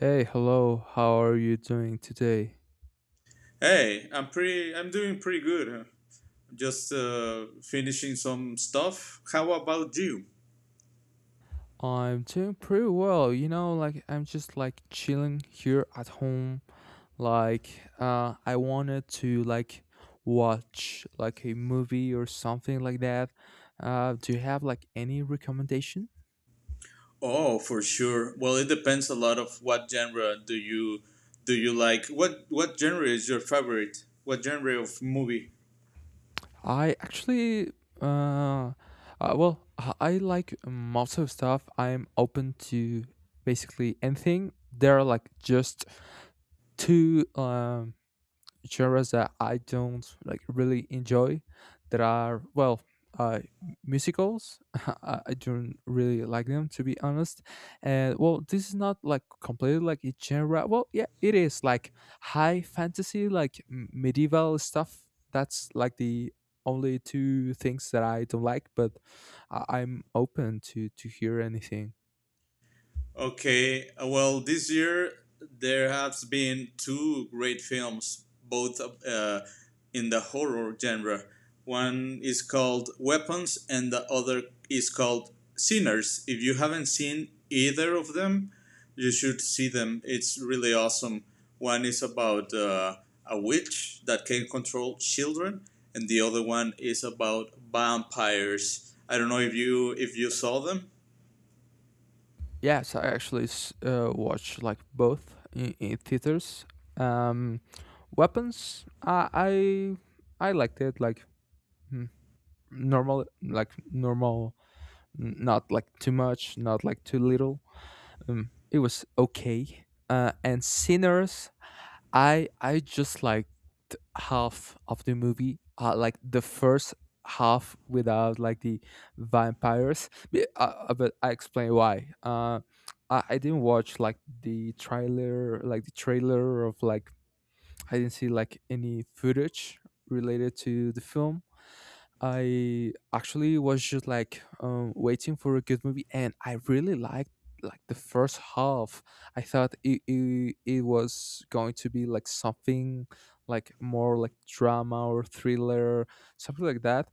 Hey, hello, how are you doing today? Hey, I'm pretty. I'm doing pretty good. Just finishing some stuff. How about you? I'm doing pretty well, like I'm just like chilling here at home. Like, I wanted to like watch like a movie or something like that. Do you have like any recommendation? Oh, for sure. Well, it depends a lot of what genre do you like. What genre is your favorite? What genre of movie? I actually, uh, uh well, I I like most of stuff. I'm open to basically anything. There are like just two genres that I don't like really enjoy that are well uh musicals. I don't really like them, to be honest, and well, this is not like completely like a genre. Well, yeah, it is, like high fantasy, like medieval stuff. That's like the only two things that I don't like, but I'm open to hear anything. Okay, well, this year there has been two great films, both in the horror genre. One is called Weapons, and the other is called Sinners. If you haven't seen either of them, you should see them. It's really awesome. One is about a witch that can control children, and the other one is about vampires. I don't know if you saw them. Yes, I actually watch like both in theaters. Um, Weapons, I liked it like mm, normal, like normal, not like too much, not like too little, it was okay. And Sinners, I just liked half of the movie, like the first half, without like the vampires. But I explain why. I didn't watch like the trailer of like, I didn't see like any footage related to the film. I actually was just like, waiting for a good movie, and I really liked like the first half. I thought it was going to be like something like more like drama or thriller, something like that.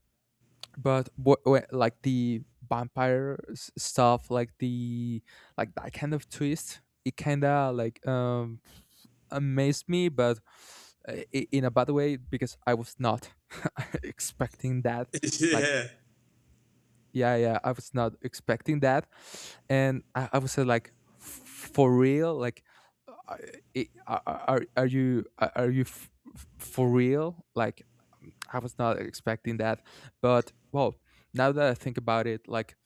But what, like the vampire stuff, like the, like that kind of twist, it kind of like amazed me, but in a bad way, because I was not expecting that. Like, Yeah. yeah, yeah, I was not expecting that, and I was, like, for real, like. uh, i- Are, are you for real? Like, I was not expecting that, but well, now that I think about it, like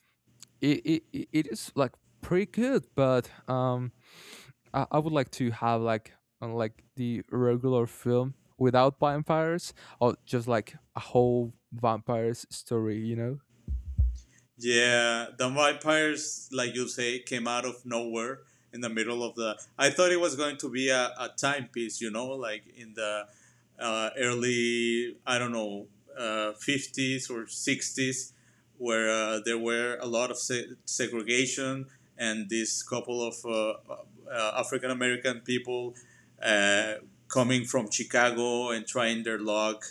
it is like pretty good, but I would like to have like the regular film without vampires, or just like a whole vampires story. Yeah, the vampires, like you say, came out of nowhere in the middle of the. I thought it was going to be a timepiece, you know, like in the early, I don't know, 50s or 60s, where there were a lot of segregation, and this couple of African American people uh, coming from Chicago and trying their luck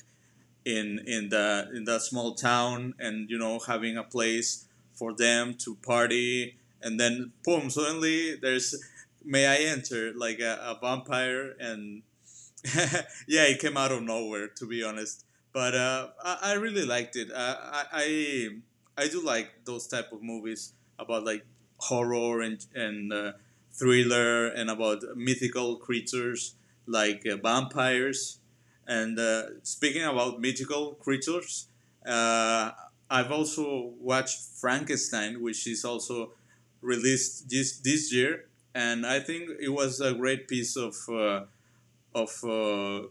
in that small town, and you know, having a place for them to party, and then boom, suddenly there's may I enter like a vampire. And yeah, it came out of nowhere, to be honest. But I really liked it. I do like those type of movies about like horror and thriller and about mythical creatures like vampires. And speaking about mythical creatures, uh, I've also watched Frankenstein, which is also released this year, and I think it was a great piece of of uh,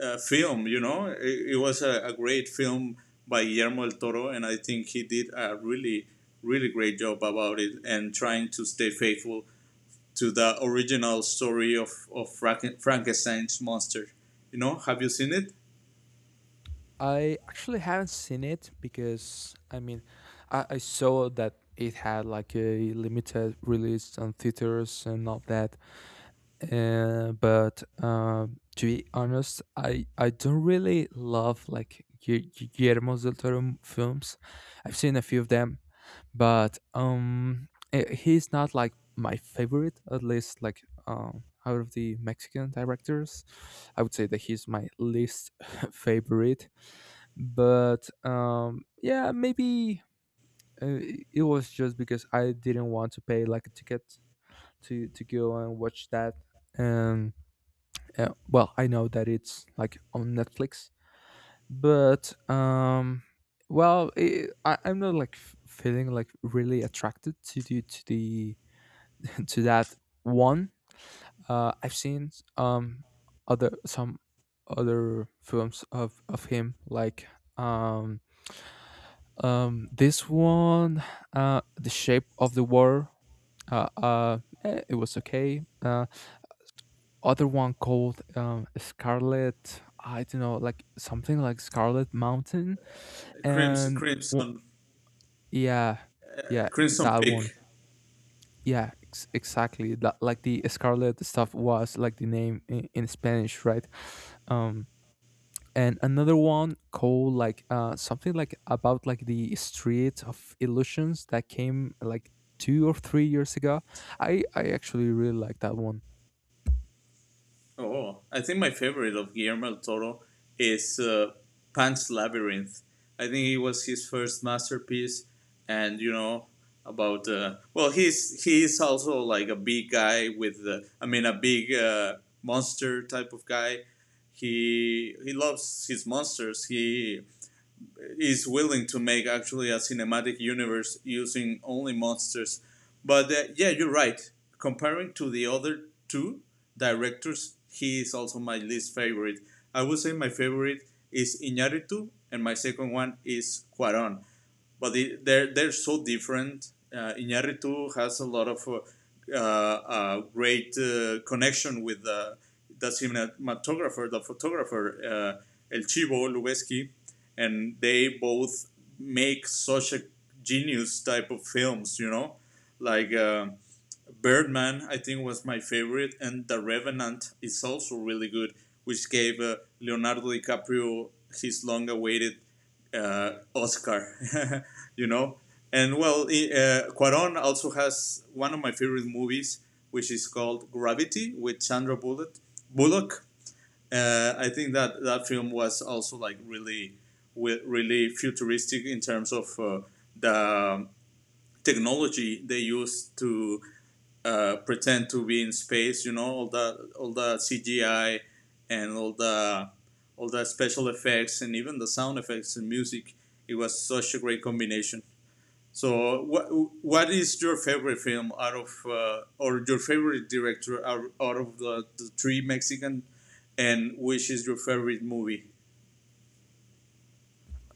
a film. You know, it was a great film by Guillermo del Toro, and I think he did a really, really great job about it and trying to stay faithful to the original story of Frankenstein's monster. You know, have you seen it? I actually haven't seen it, because I mean, I saw that it had like a limited release on theaters and all that. But to be honest, I don't really love like Guillermo del Toro films. I've seen a few of them, but he's not like my favorite. At least like, out of the Mexican directors, I would say that he's my least favorite. But yeah, maybe, it was just because I didn't want to pay like a ticket to go and watch that. And well, I know that it's like on Netflix, but well, I'm not like feeling like really attracted to the to that one. I've seen um other, some other films of him, like um this one, The Shape of the War. uh, uh it was okay. Other one called, Scarlet, I don't know, like something like Scarlet Mountain. Crimson, And w- Crimson, yeah, yeah, Crimson that one. Peak. Yeah, exactly. That, like, the Scarlet stuff was like the name in Spanish, right? Um, and another one called like, something like about like the Street of Illusions that came like 2 or 3 years ago. I actually really like that one. Oh, I think my favorite of Guillermo del Toro is Pan's Labyrinth. I think it was his first masterpiece, and you know about well, he's also like a big guy with I mean a big monster type of guy. He loves his monsters. He is willing to make actually a cinematic universe using only monsters. But yeah, you're right. Comparing to the other two directors, he is also my least favorite. I would say my favorite is Iñárritu, and my second one is Cuaron, but they're so different. Iñárritu has a lot of great connection with the cinematographer, the photographer El Chivo Lubeski, and they both make such a genius type of films. You know, like. Birdman, I think, was my favorite, and The Revenant is also really good, which gave Leonardo DiCaprio his long-awaited Oscar, you know. And well, Cuaron also has one of my favorite movies, which is called Gravity with Sandra Bullock. I think that that film was also like really, really futuristic in terms of the technology they used to pretend to be in space. You know, all the CGI and all the special effects and even the sound effects and music. It was such a great combination. So, what is your favorite film out of or your favorite director out of the three Mexican, and which is your favorite movie?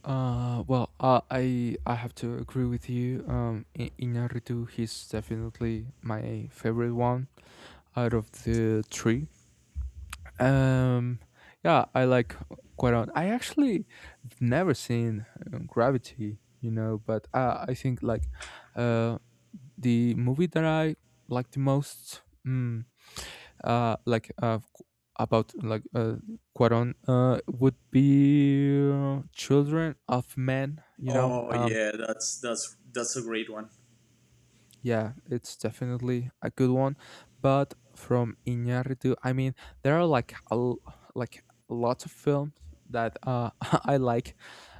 Well, I have to agree with you. Inarritu, he's definitely my favorite one out of the three. Um, yeah, I like, quite on. I actually have never seen, Gravity, you know, but I think, like, uh, the movie that I like the most, mm, like, about like, Cuaron, would be, Children of Men. You know, Oh yeah, that's that's a great one. yeah, it's definitely a good one. But from Iñárritu, I mean, there are like like lots of films that I like.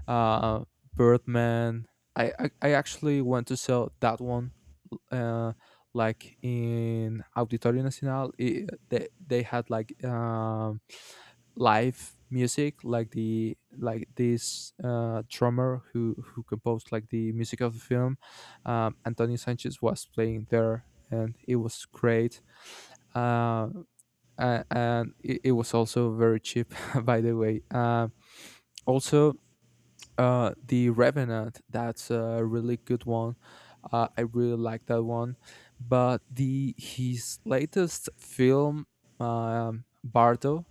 Uh, Birdman. I actually went to see that one. Uh, like, in Auditorio Nacional, I they had like live music. Like, the, like this drummer, who composed like the music of the film, Antonio Sanchez was playing there, and it was great. Uh, and it was also very cheap, by the way. Also, the Revenant, that's a really good one. I really like that one. But the his latest film, Bardo,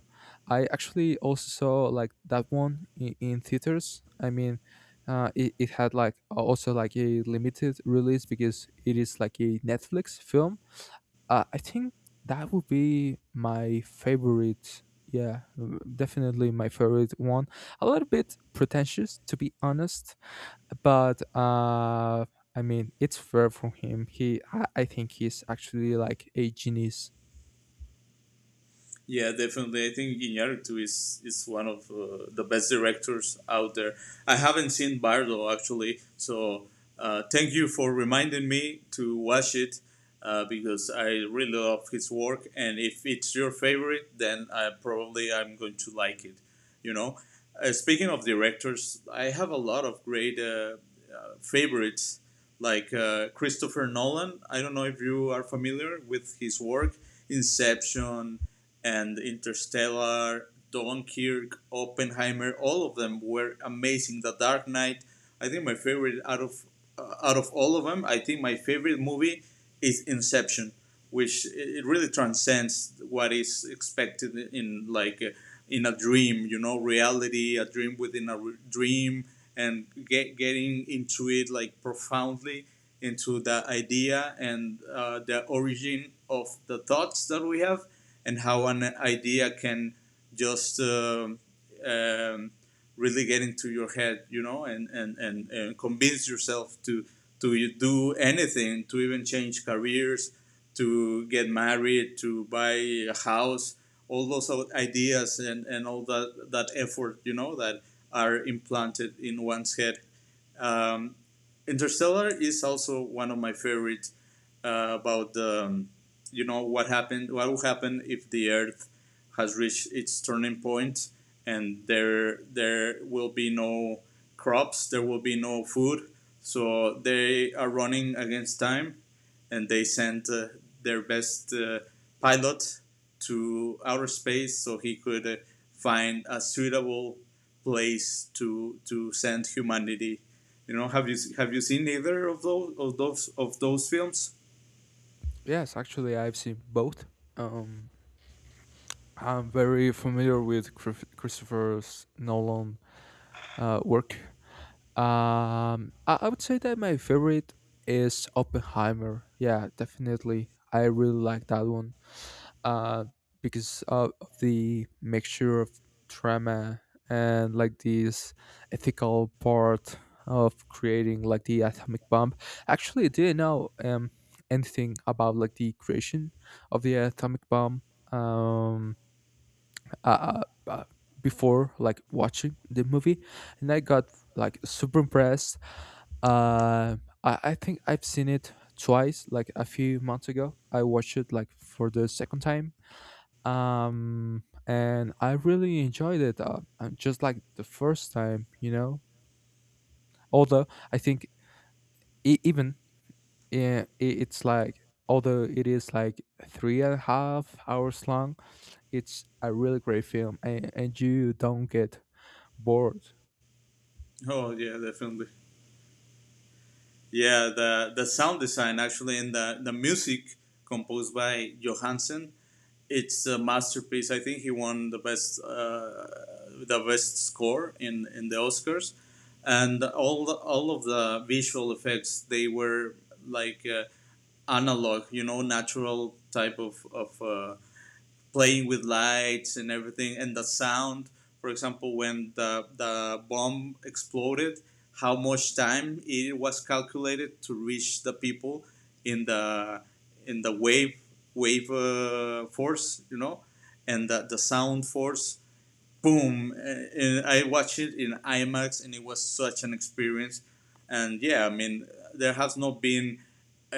I actually also saw like that one in theaters. I mean, it had like also like a limited release, because it is like a Netflix film, I think that would be my favorite. Yeah, definitely my favorite one. A little bit pretentious, to be honest, but I mean, it's fair from him. I think he's actually like a genius. Yeah, definitely. I think Iñárritu is one of the best directors out there. I haven't seen Bardo actually, so thank you for reminding me to watch it because I really love his work. And if it's your favorite, then I probably I'm going to like it. You know, speaking of directors, I have a lot of great favorites like Christopher Nolan. I don't know if you are familiar with his work, Inception and Interstellar, Dunkirk, Oppenheimer, all of them were amazing. The Dark Knight, I think my favorite out of all of them, I think my favorite movie is Inception, which it really transcends what is expected in like in a dream, you know, reality, a dream within a dream, and getting into it like profoundly into the idea and the origin of the thoughts that we have and how an idea can just um, really get into your head, you know, and convince yourself to do anything, to even change careers, to get married, to buy a house, all those ideas and all that, that effort, you know, that are implanted in one's head. um, Interstellar is also one of my favorites. About you know, what happened, what will happen if the Earth has reached its turning point, and there will be no crops, there will be no food. So they are running against time, and they sent their best pilot to outer space so he could find a suitable place to send humanity. You know, have you seen either of those films? Yes, actually, I've seen both. Um, I'm very familiar with Christopher's Nolan, work. I would say that my favorite is Oppenheimer. Yeah, definitely. I really like that one. Uh, because of the mixture of drama and like this ethical part of creating like the atomic bomb. Actually, I didn't know anything about like the creation of the atomic bomb. Um, uh, uh, uh, before like watching the movie, and I got like super impressed. Uh, I think I've seen it twice. Like, a few months ago I watched it like for the second time, and I really enjoyed it, just like the first time. Although I think even, yeah, it's like, although it is like three and a half hours long, it's a really great film, and you don't get board. Oh yeah, definitely. Yeah, the sound design actually and the music composed by Johansson, it's a masterpiece. I think he won the best score in the Oscars, and all of the visual effects, they were like analog, you know, natural type of of. Playing with lights and everything, and the sound. For example, when the bomb exploded, how much time it was calculated to reach the people in the in the wave force, you know, and the sound force, boom. And I watched it in IMAX, and it was such an experience. And yeah, I mean, there has not been uh,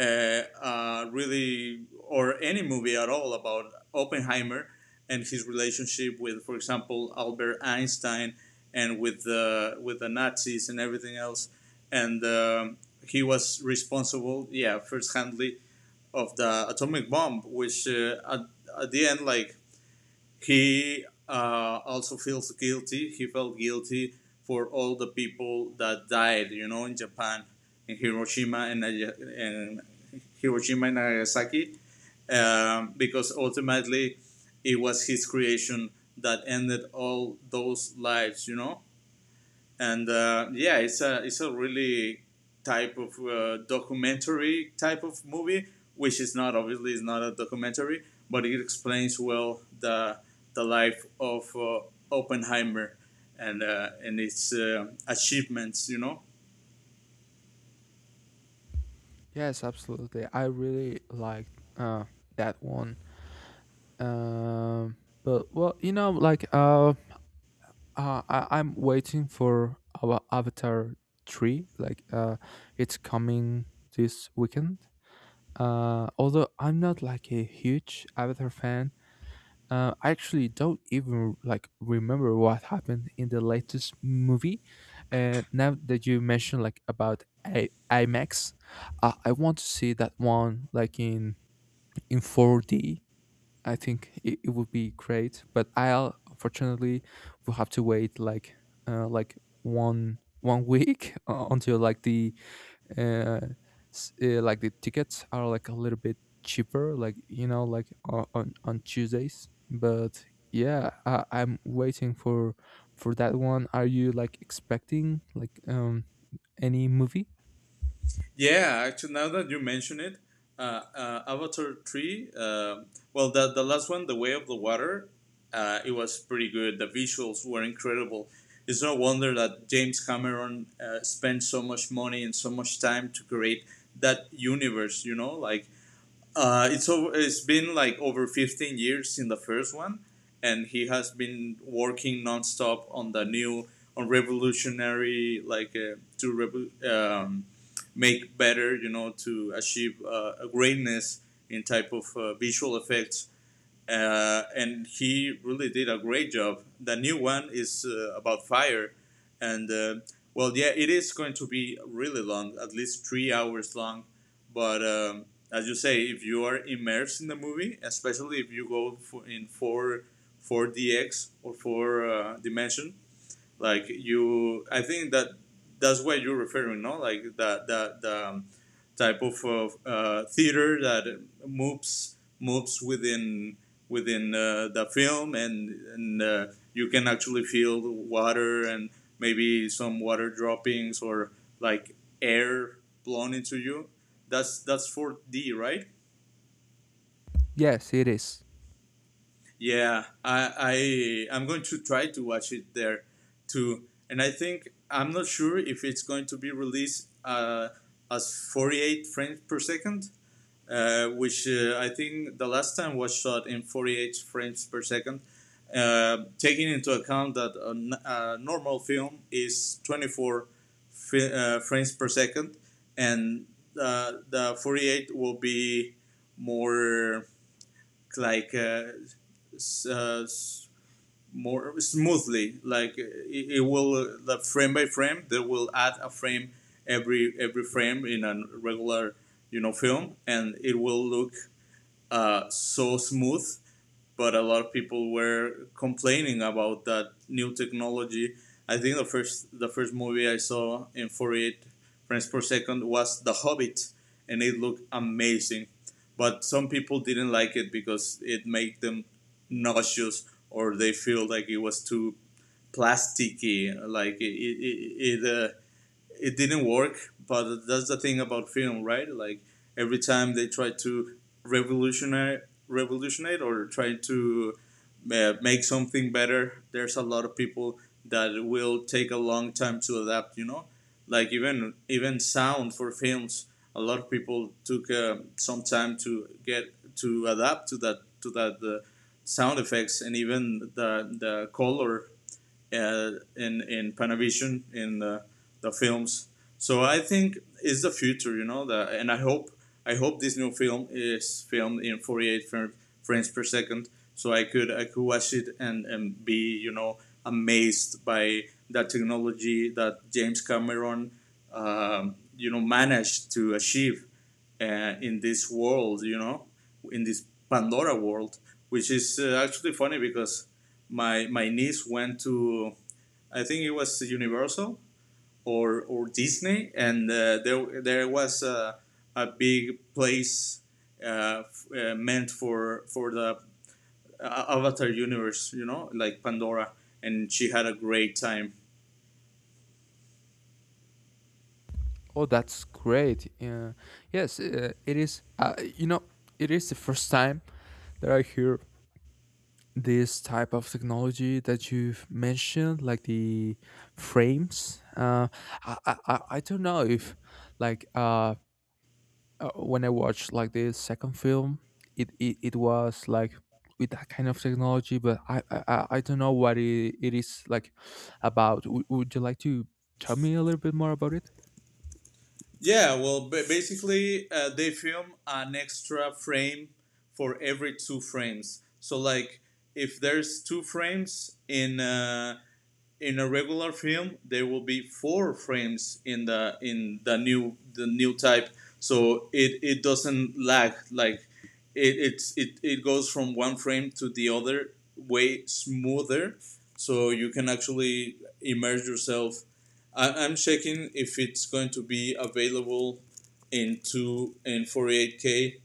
really or any movie at all about Oppenheimer and his relationship with, for example, Albert Einstein, and with the Nazis and everything else. And he was responsible, yeah, first handly of the atomic bomb, which at the end like he also feels guilty. He felt guilty for all the people that died, you know, in Japan, in Hiroshima and Hiroshima and Nagasaki, because ultimately it was his creation that ended all those lives, you know. And yeah, it's a really type of documentary type of movie, which is not obviously is not a documentary, but it explains well the life of Oppenheimer, and its achievements, you know. Yes, absolutely. I really liked, that one. Um, but well, you know, like, I'm waiting for our Avatar 3. It's coming this weekend. Although I'm not like a huge Avatar fan, I actually don't even like remember what happened in the latest movie. And now that you mentioned like about IMAX, I want to see that one like in 4D. I think it would be great, but I'll unfortunately will have to wait like one week, until like the uh, like the tickets are like a little bit cheaper, like, you know, like on on Tuesdays. But yeah, I'm waiting for that one. Are you like expecting like any movie? Yeah, actually, now that you mention it, Avatar 3, well, the last one, The Way of the Water, it was pretty good. The visuals were incredible. It's no wonder that James Cameron spent so much money and so much time to create that universe, you know? Like, it's over, it's been like over 15 years in the first one, and he has been working nonstop on the new on revolutionary like make better, you know, to achieve a greatness in type of visual effects. And he really did a great job. The new one is about fire, and well, yeah, it is going to be really long, at least 3 hours long. But as you say, if you are immersed in the movie, especially if you go in four DX or four dimension, like you, I think that that's what you're referring, no, like that that the type of theater that moves within within the film, and you can actually feel the water and maybe some water droppings or like air blown into you. That's 4D, right? Yes, it is. Yeah, I'm going to try to watch it there too, and I think I'm not sure if it's going to be released as 48 frames per second, which I think the last time was shot in 48 frames per second. Taking into account that a normal film is 24 frames per second, and the 48 will be more like uh, more smoothly. Like it will the frame by frame. They will add a frame every frame in a regular, you know, film, and it will look so smooth. But a lot of people were complaining about that new technology. I think the first movie I saw in 48 frames per second was The Hobbit, and it looked amazing. But some people didn't like it because it made them nauseous or they feel like it was too plasticky. Like it didn't work. But that's the thing about film, right? Like every time they try to revolutionary, revolutionate or try to make something better, there's a lot of people that will take a long time to adapt. You know, like even sound for films. A lot of people took some time to get to adapt to that sound effects, and even the color in in Panavision in the films. So I think it's the future, you know. And I hope this new film is filmed in 48 frames per second, so I could watch it and be, you know, amazed by that technology that James Cameron you know, managed to achieve in this world, you know, in this Pandora world, which is actually funny because my niece went to, I think it was Universal or Disney, and there was a big place meant for the Avatar universe, you know, like Pandora, and she had a great time. Oh, that's great. Yeah. Yes, it is, you know, it is the first time that I hear this type of technology that you've mentioned, like the frames. I don't know if, like, when I watched like the second film, it was like with that kind of technology, but I don't know what it is like about. Would you like to tell me a little bit more about it? Yeah, well, basically they film an extra frame for every two frames. So like if there's two frames in a regular film, there will be four frames in the new type, so it doesn't lag. Like it it goes from one frame to the other way smoother, so you can actually immerse yourself. I'm checking if it's going to be available in 48k,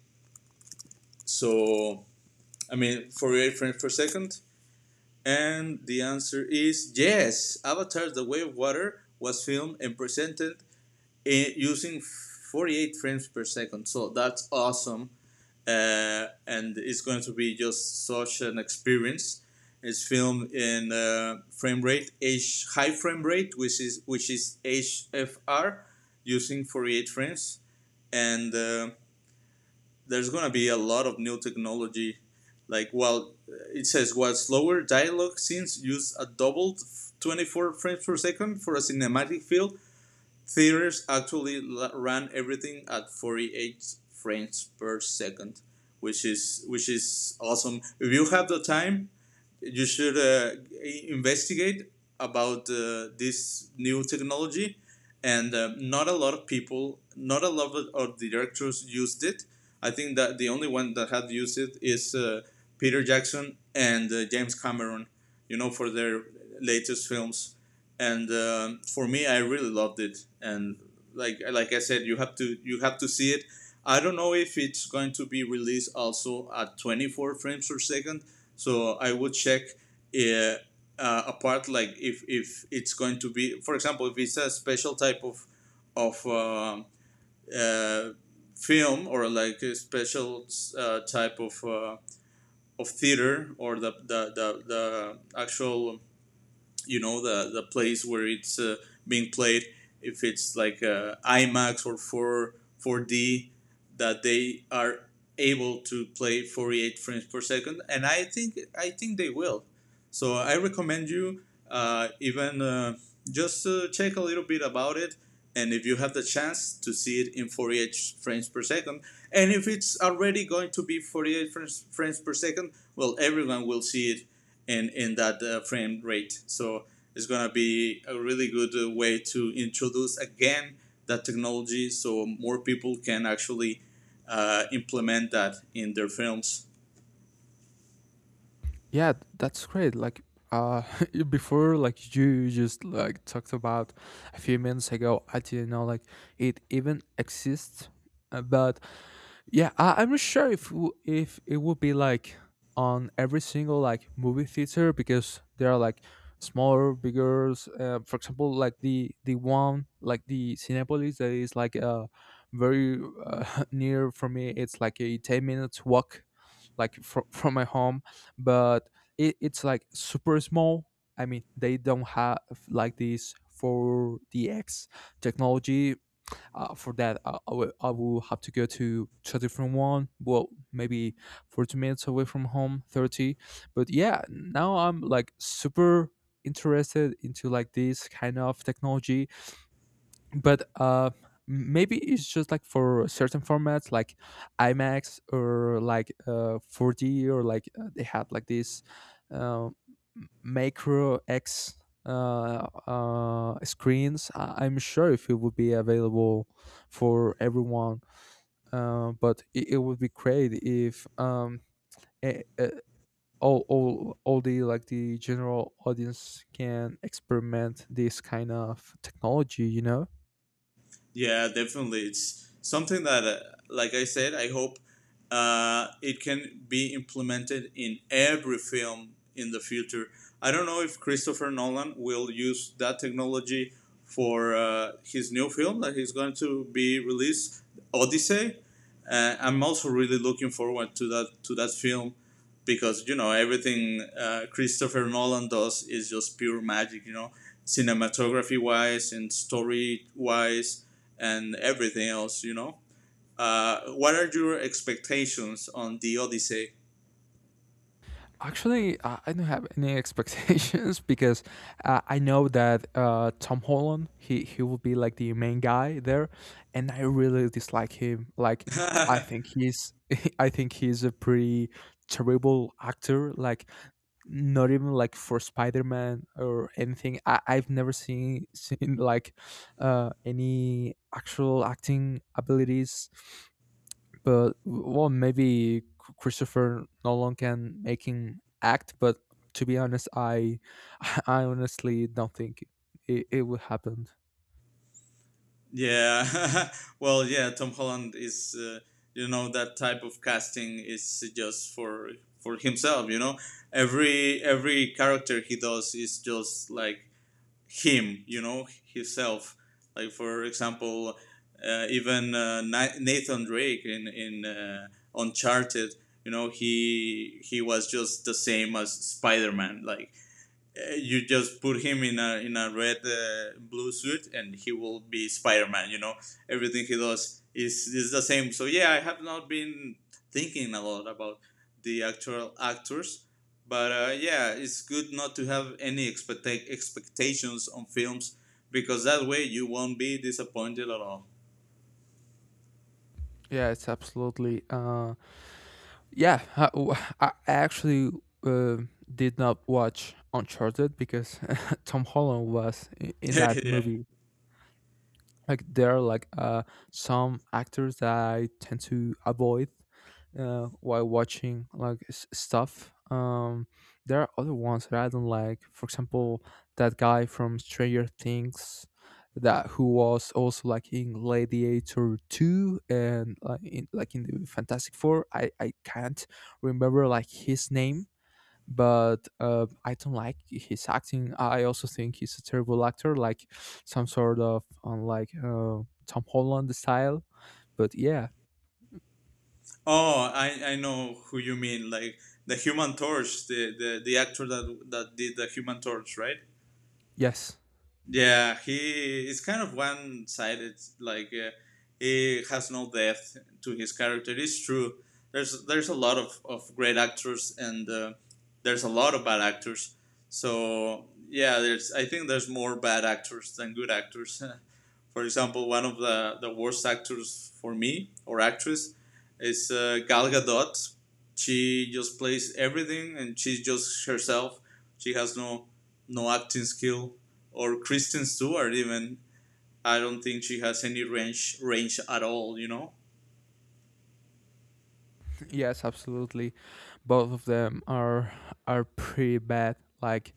so I mean 48 frames per second, and the answer is yes. Avatar: The Way of Water was filmed and presented in, using 48 frames per second. So that's awesome. And it's going to be just such an experience. It's filmed in frame rate H high frame rate, which is HFR, using 48 frames, and there's gonna be a lot of new technology. Like, well, it says while slower dialogue scenes use a doubled 24 frames per second for a cinematic feel, theaters actually ran everything at 48 frames per second, which is awesome. If you have the time, you should investigate about this new technology. And not a lot of people, not a lot of directors used it. I think that the only one that had used it is Peter Jackson and James Cameron. You know, for their latest films, and for me, I really loved it. And Like I said, you have to, you have to see it. I don't know if it's going to be released also at 24 frames per second, so I would check, uh, apart, like, if it's going to be, for example, if it's a special type of of um uh, film or like a special type of theater, or the actual, you know, the place where it's being played. If it's like IMAX or 4 4D, that they are able to play 48 frames per second, and I think they will. So I recommend you even just check a little bit about it, and if you have the chance to see it in 48 frames per second, and if it's already going to be 48 frames per second, well, everyone will see it in that frame rate. So it's gonna be a really good way to introduce again that technology, so more people can actually implement that in their films. Yeah, that's great. Uh before like, you just like talked about a few minutes ago, I didn't know like it even exists. But yeah, I'm not sure if it would be like on every single like movie theater, because there are like smaller, bigger. For example, like the one like the Cinepolis that is like very, near for me. It's like a 10 minutes walk, like from from my home, but it's like super small. I mean, they don't have like this 4DX technology, for that I will have to go to a different one, well, maybe 40 minutes away from home, 30. But yeah, now I'm like super interested into like this kind of technology. But maybe it's just like for certain formats, like IMAX, or like 4D, or like, they had like this uh, m- macro x screens. I'm sure if it would be available for everyone, but it would be great if eh, eh, all the, like, the general audience can experiment this kind of technology, you know. Yeah, definitely. It's something that, like I said, I hope it can be implemented in every film in the future. I don't know if Christopher Nolan will use that technology for his new film that he's going to be released, Odyssey. I'm also really looking forward to that film, because, you know, everything Christopher Nolan does is just pure magic. You know, cinematography wise and story wise and everything else. You know, what are your expectations on the Odyssey? Actually, I don't have any expectations because, I know that, Tom Holland, he will be like the main guy there, and I really dislike him. Like, I think he's I think he's a pretty terrible actor. Like, not even like for Spider Man or anything. I've never seen seen like, any actual acting abilities, but well, maybe Christopher Nolan can make him act. But to be honest, I, I honestly don't think it would happen. Yeah, well, yeah, Tom Holland is you know, that type of casting is just for himself. You know, every character he does is just like him, you know, himself. Like, for example, even Nathan Drake in Uncharted, you know, he was just the same as Spider Man. Like, you just put him in a red, blue suit, and he will be Spider-Man. You know, everything he does is the same. So yeah, I have not been thinking a lot about the actual actors, but yeah, it's good not to have any expectations on films, because that way you won't be disappointed at all. Yeah, it's absolutely. Yeah, I actually, uh, did not watch Uncharted, because Tom Holland was in that Yeah. movie. Like, there are like some actors that I tend to avoid while watching like stuff. There are other ones that I don't like, for example, that guy from Stranger Things, that who was also like in Gladiator 2 and like in the Fantastic Four. I can't remember like his name, but I don't like his acting. I also think he's a terrible actor, like some sort of, like, Tom Holland style. But yeah. Oh, I know who you mean, like the human torch, the actor that that did the human torch, right? Yes, Yeah, he is kind of one sided. Like, he has no depth to his character. It's true. There's a lot of great actors, and there's a lot of bad actors. So yeah, there's, I think there's more bad actors than good actors. For example, one of the worst actors for me, or actress, is Gal Gadot. She just plays everything and she's just herself. She has no acting skill. Or Kristen Stewart even. I don't think she has any range at all, you know. yes, absolutely. Both of them are pretty bad. Like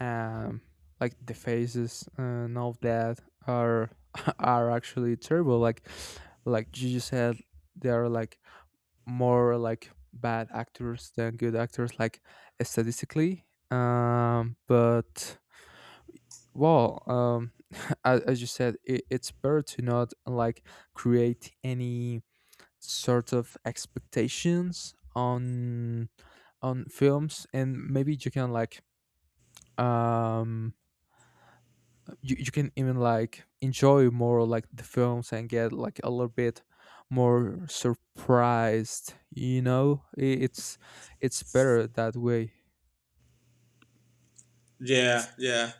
um, like the faces and all that are are actually terrible. Like you just said, they are like more like bad actors than good actors, like, statistically. But well, as you said, it's better to not like create any sort of expectations on films, and maybe you can like, um you can even like enjoy more like the films and get like a little bit more surprised, you know. It's better that way. Yeah, yeah.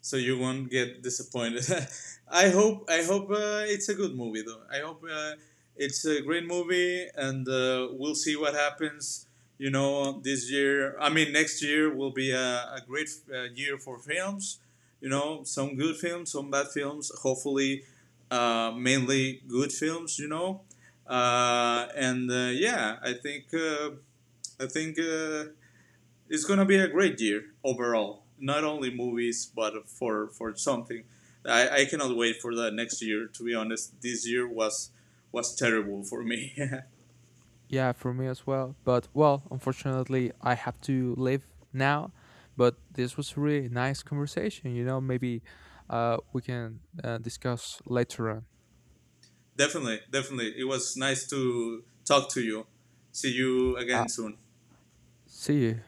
So you won't get disappointed. I hope. I hope it's a good movie, though. I hope it's a great movie, and we'll see what happens. You know, this year. I mean, next year will be a great year for films. You know, some good films, some bad films. Hopefully, mainly good films. You know, and yeah, I think. I think. It's gonna be a great year overall. Not only movies, but for something. I cannot wait for the next year. To be honest, this year was terrible for me. Yeah, for me as well, but well, unfortunately I have to leave now. But this was a really nice conversation. You know, maybe, we can, discuss later on. Definitely, definitely. It was nice to talk to you. See you uh, again soon. See you.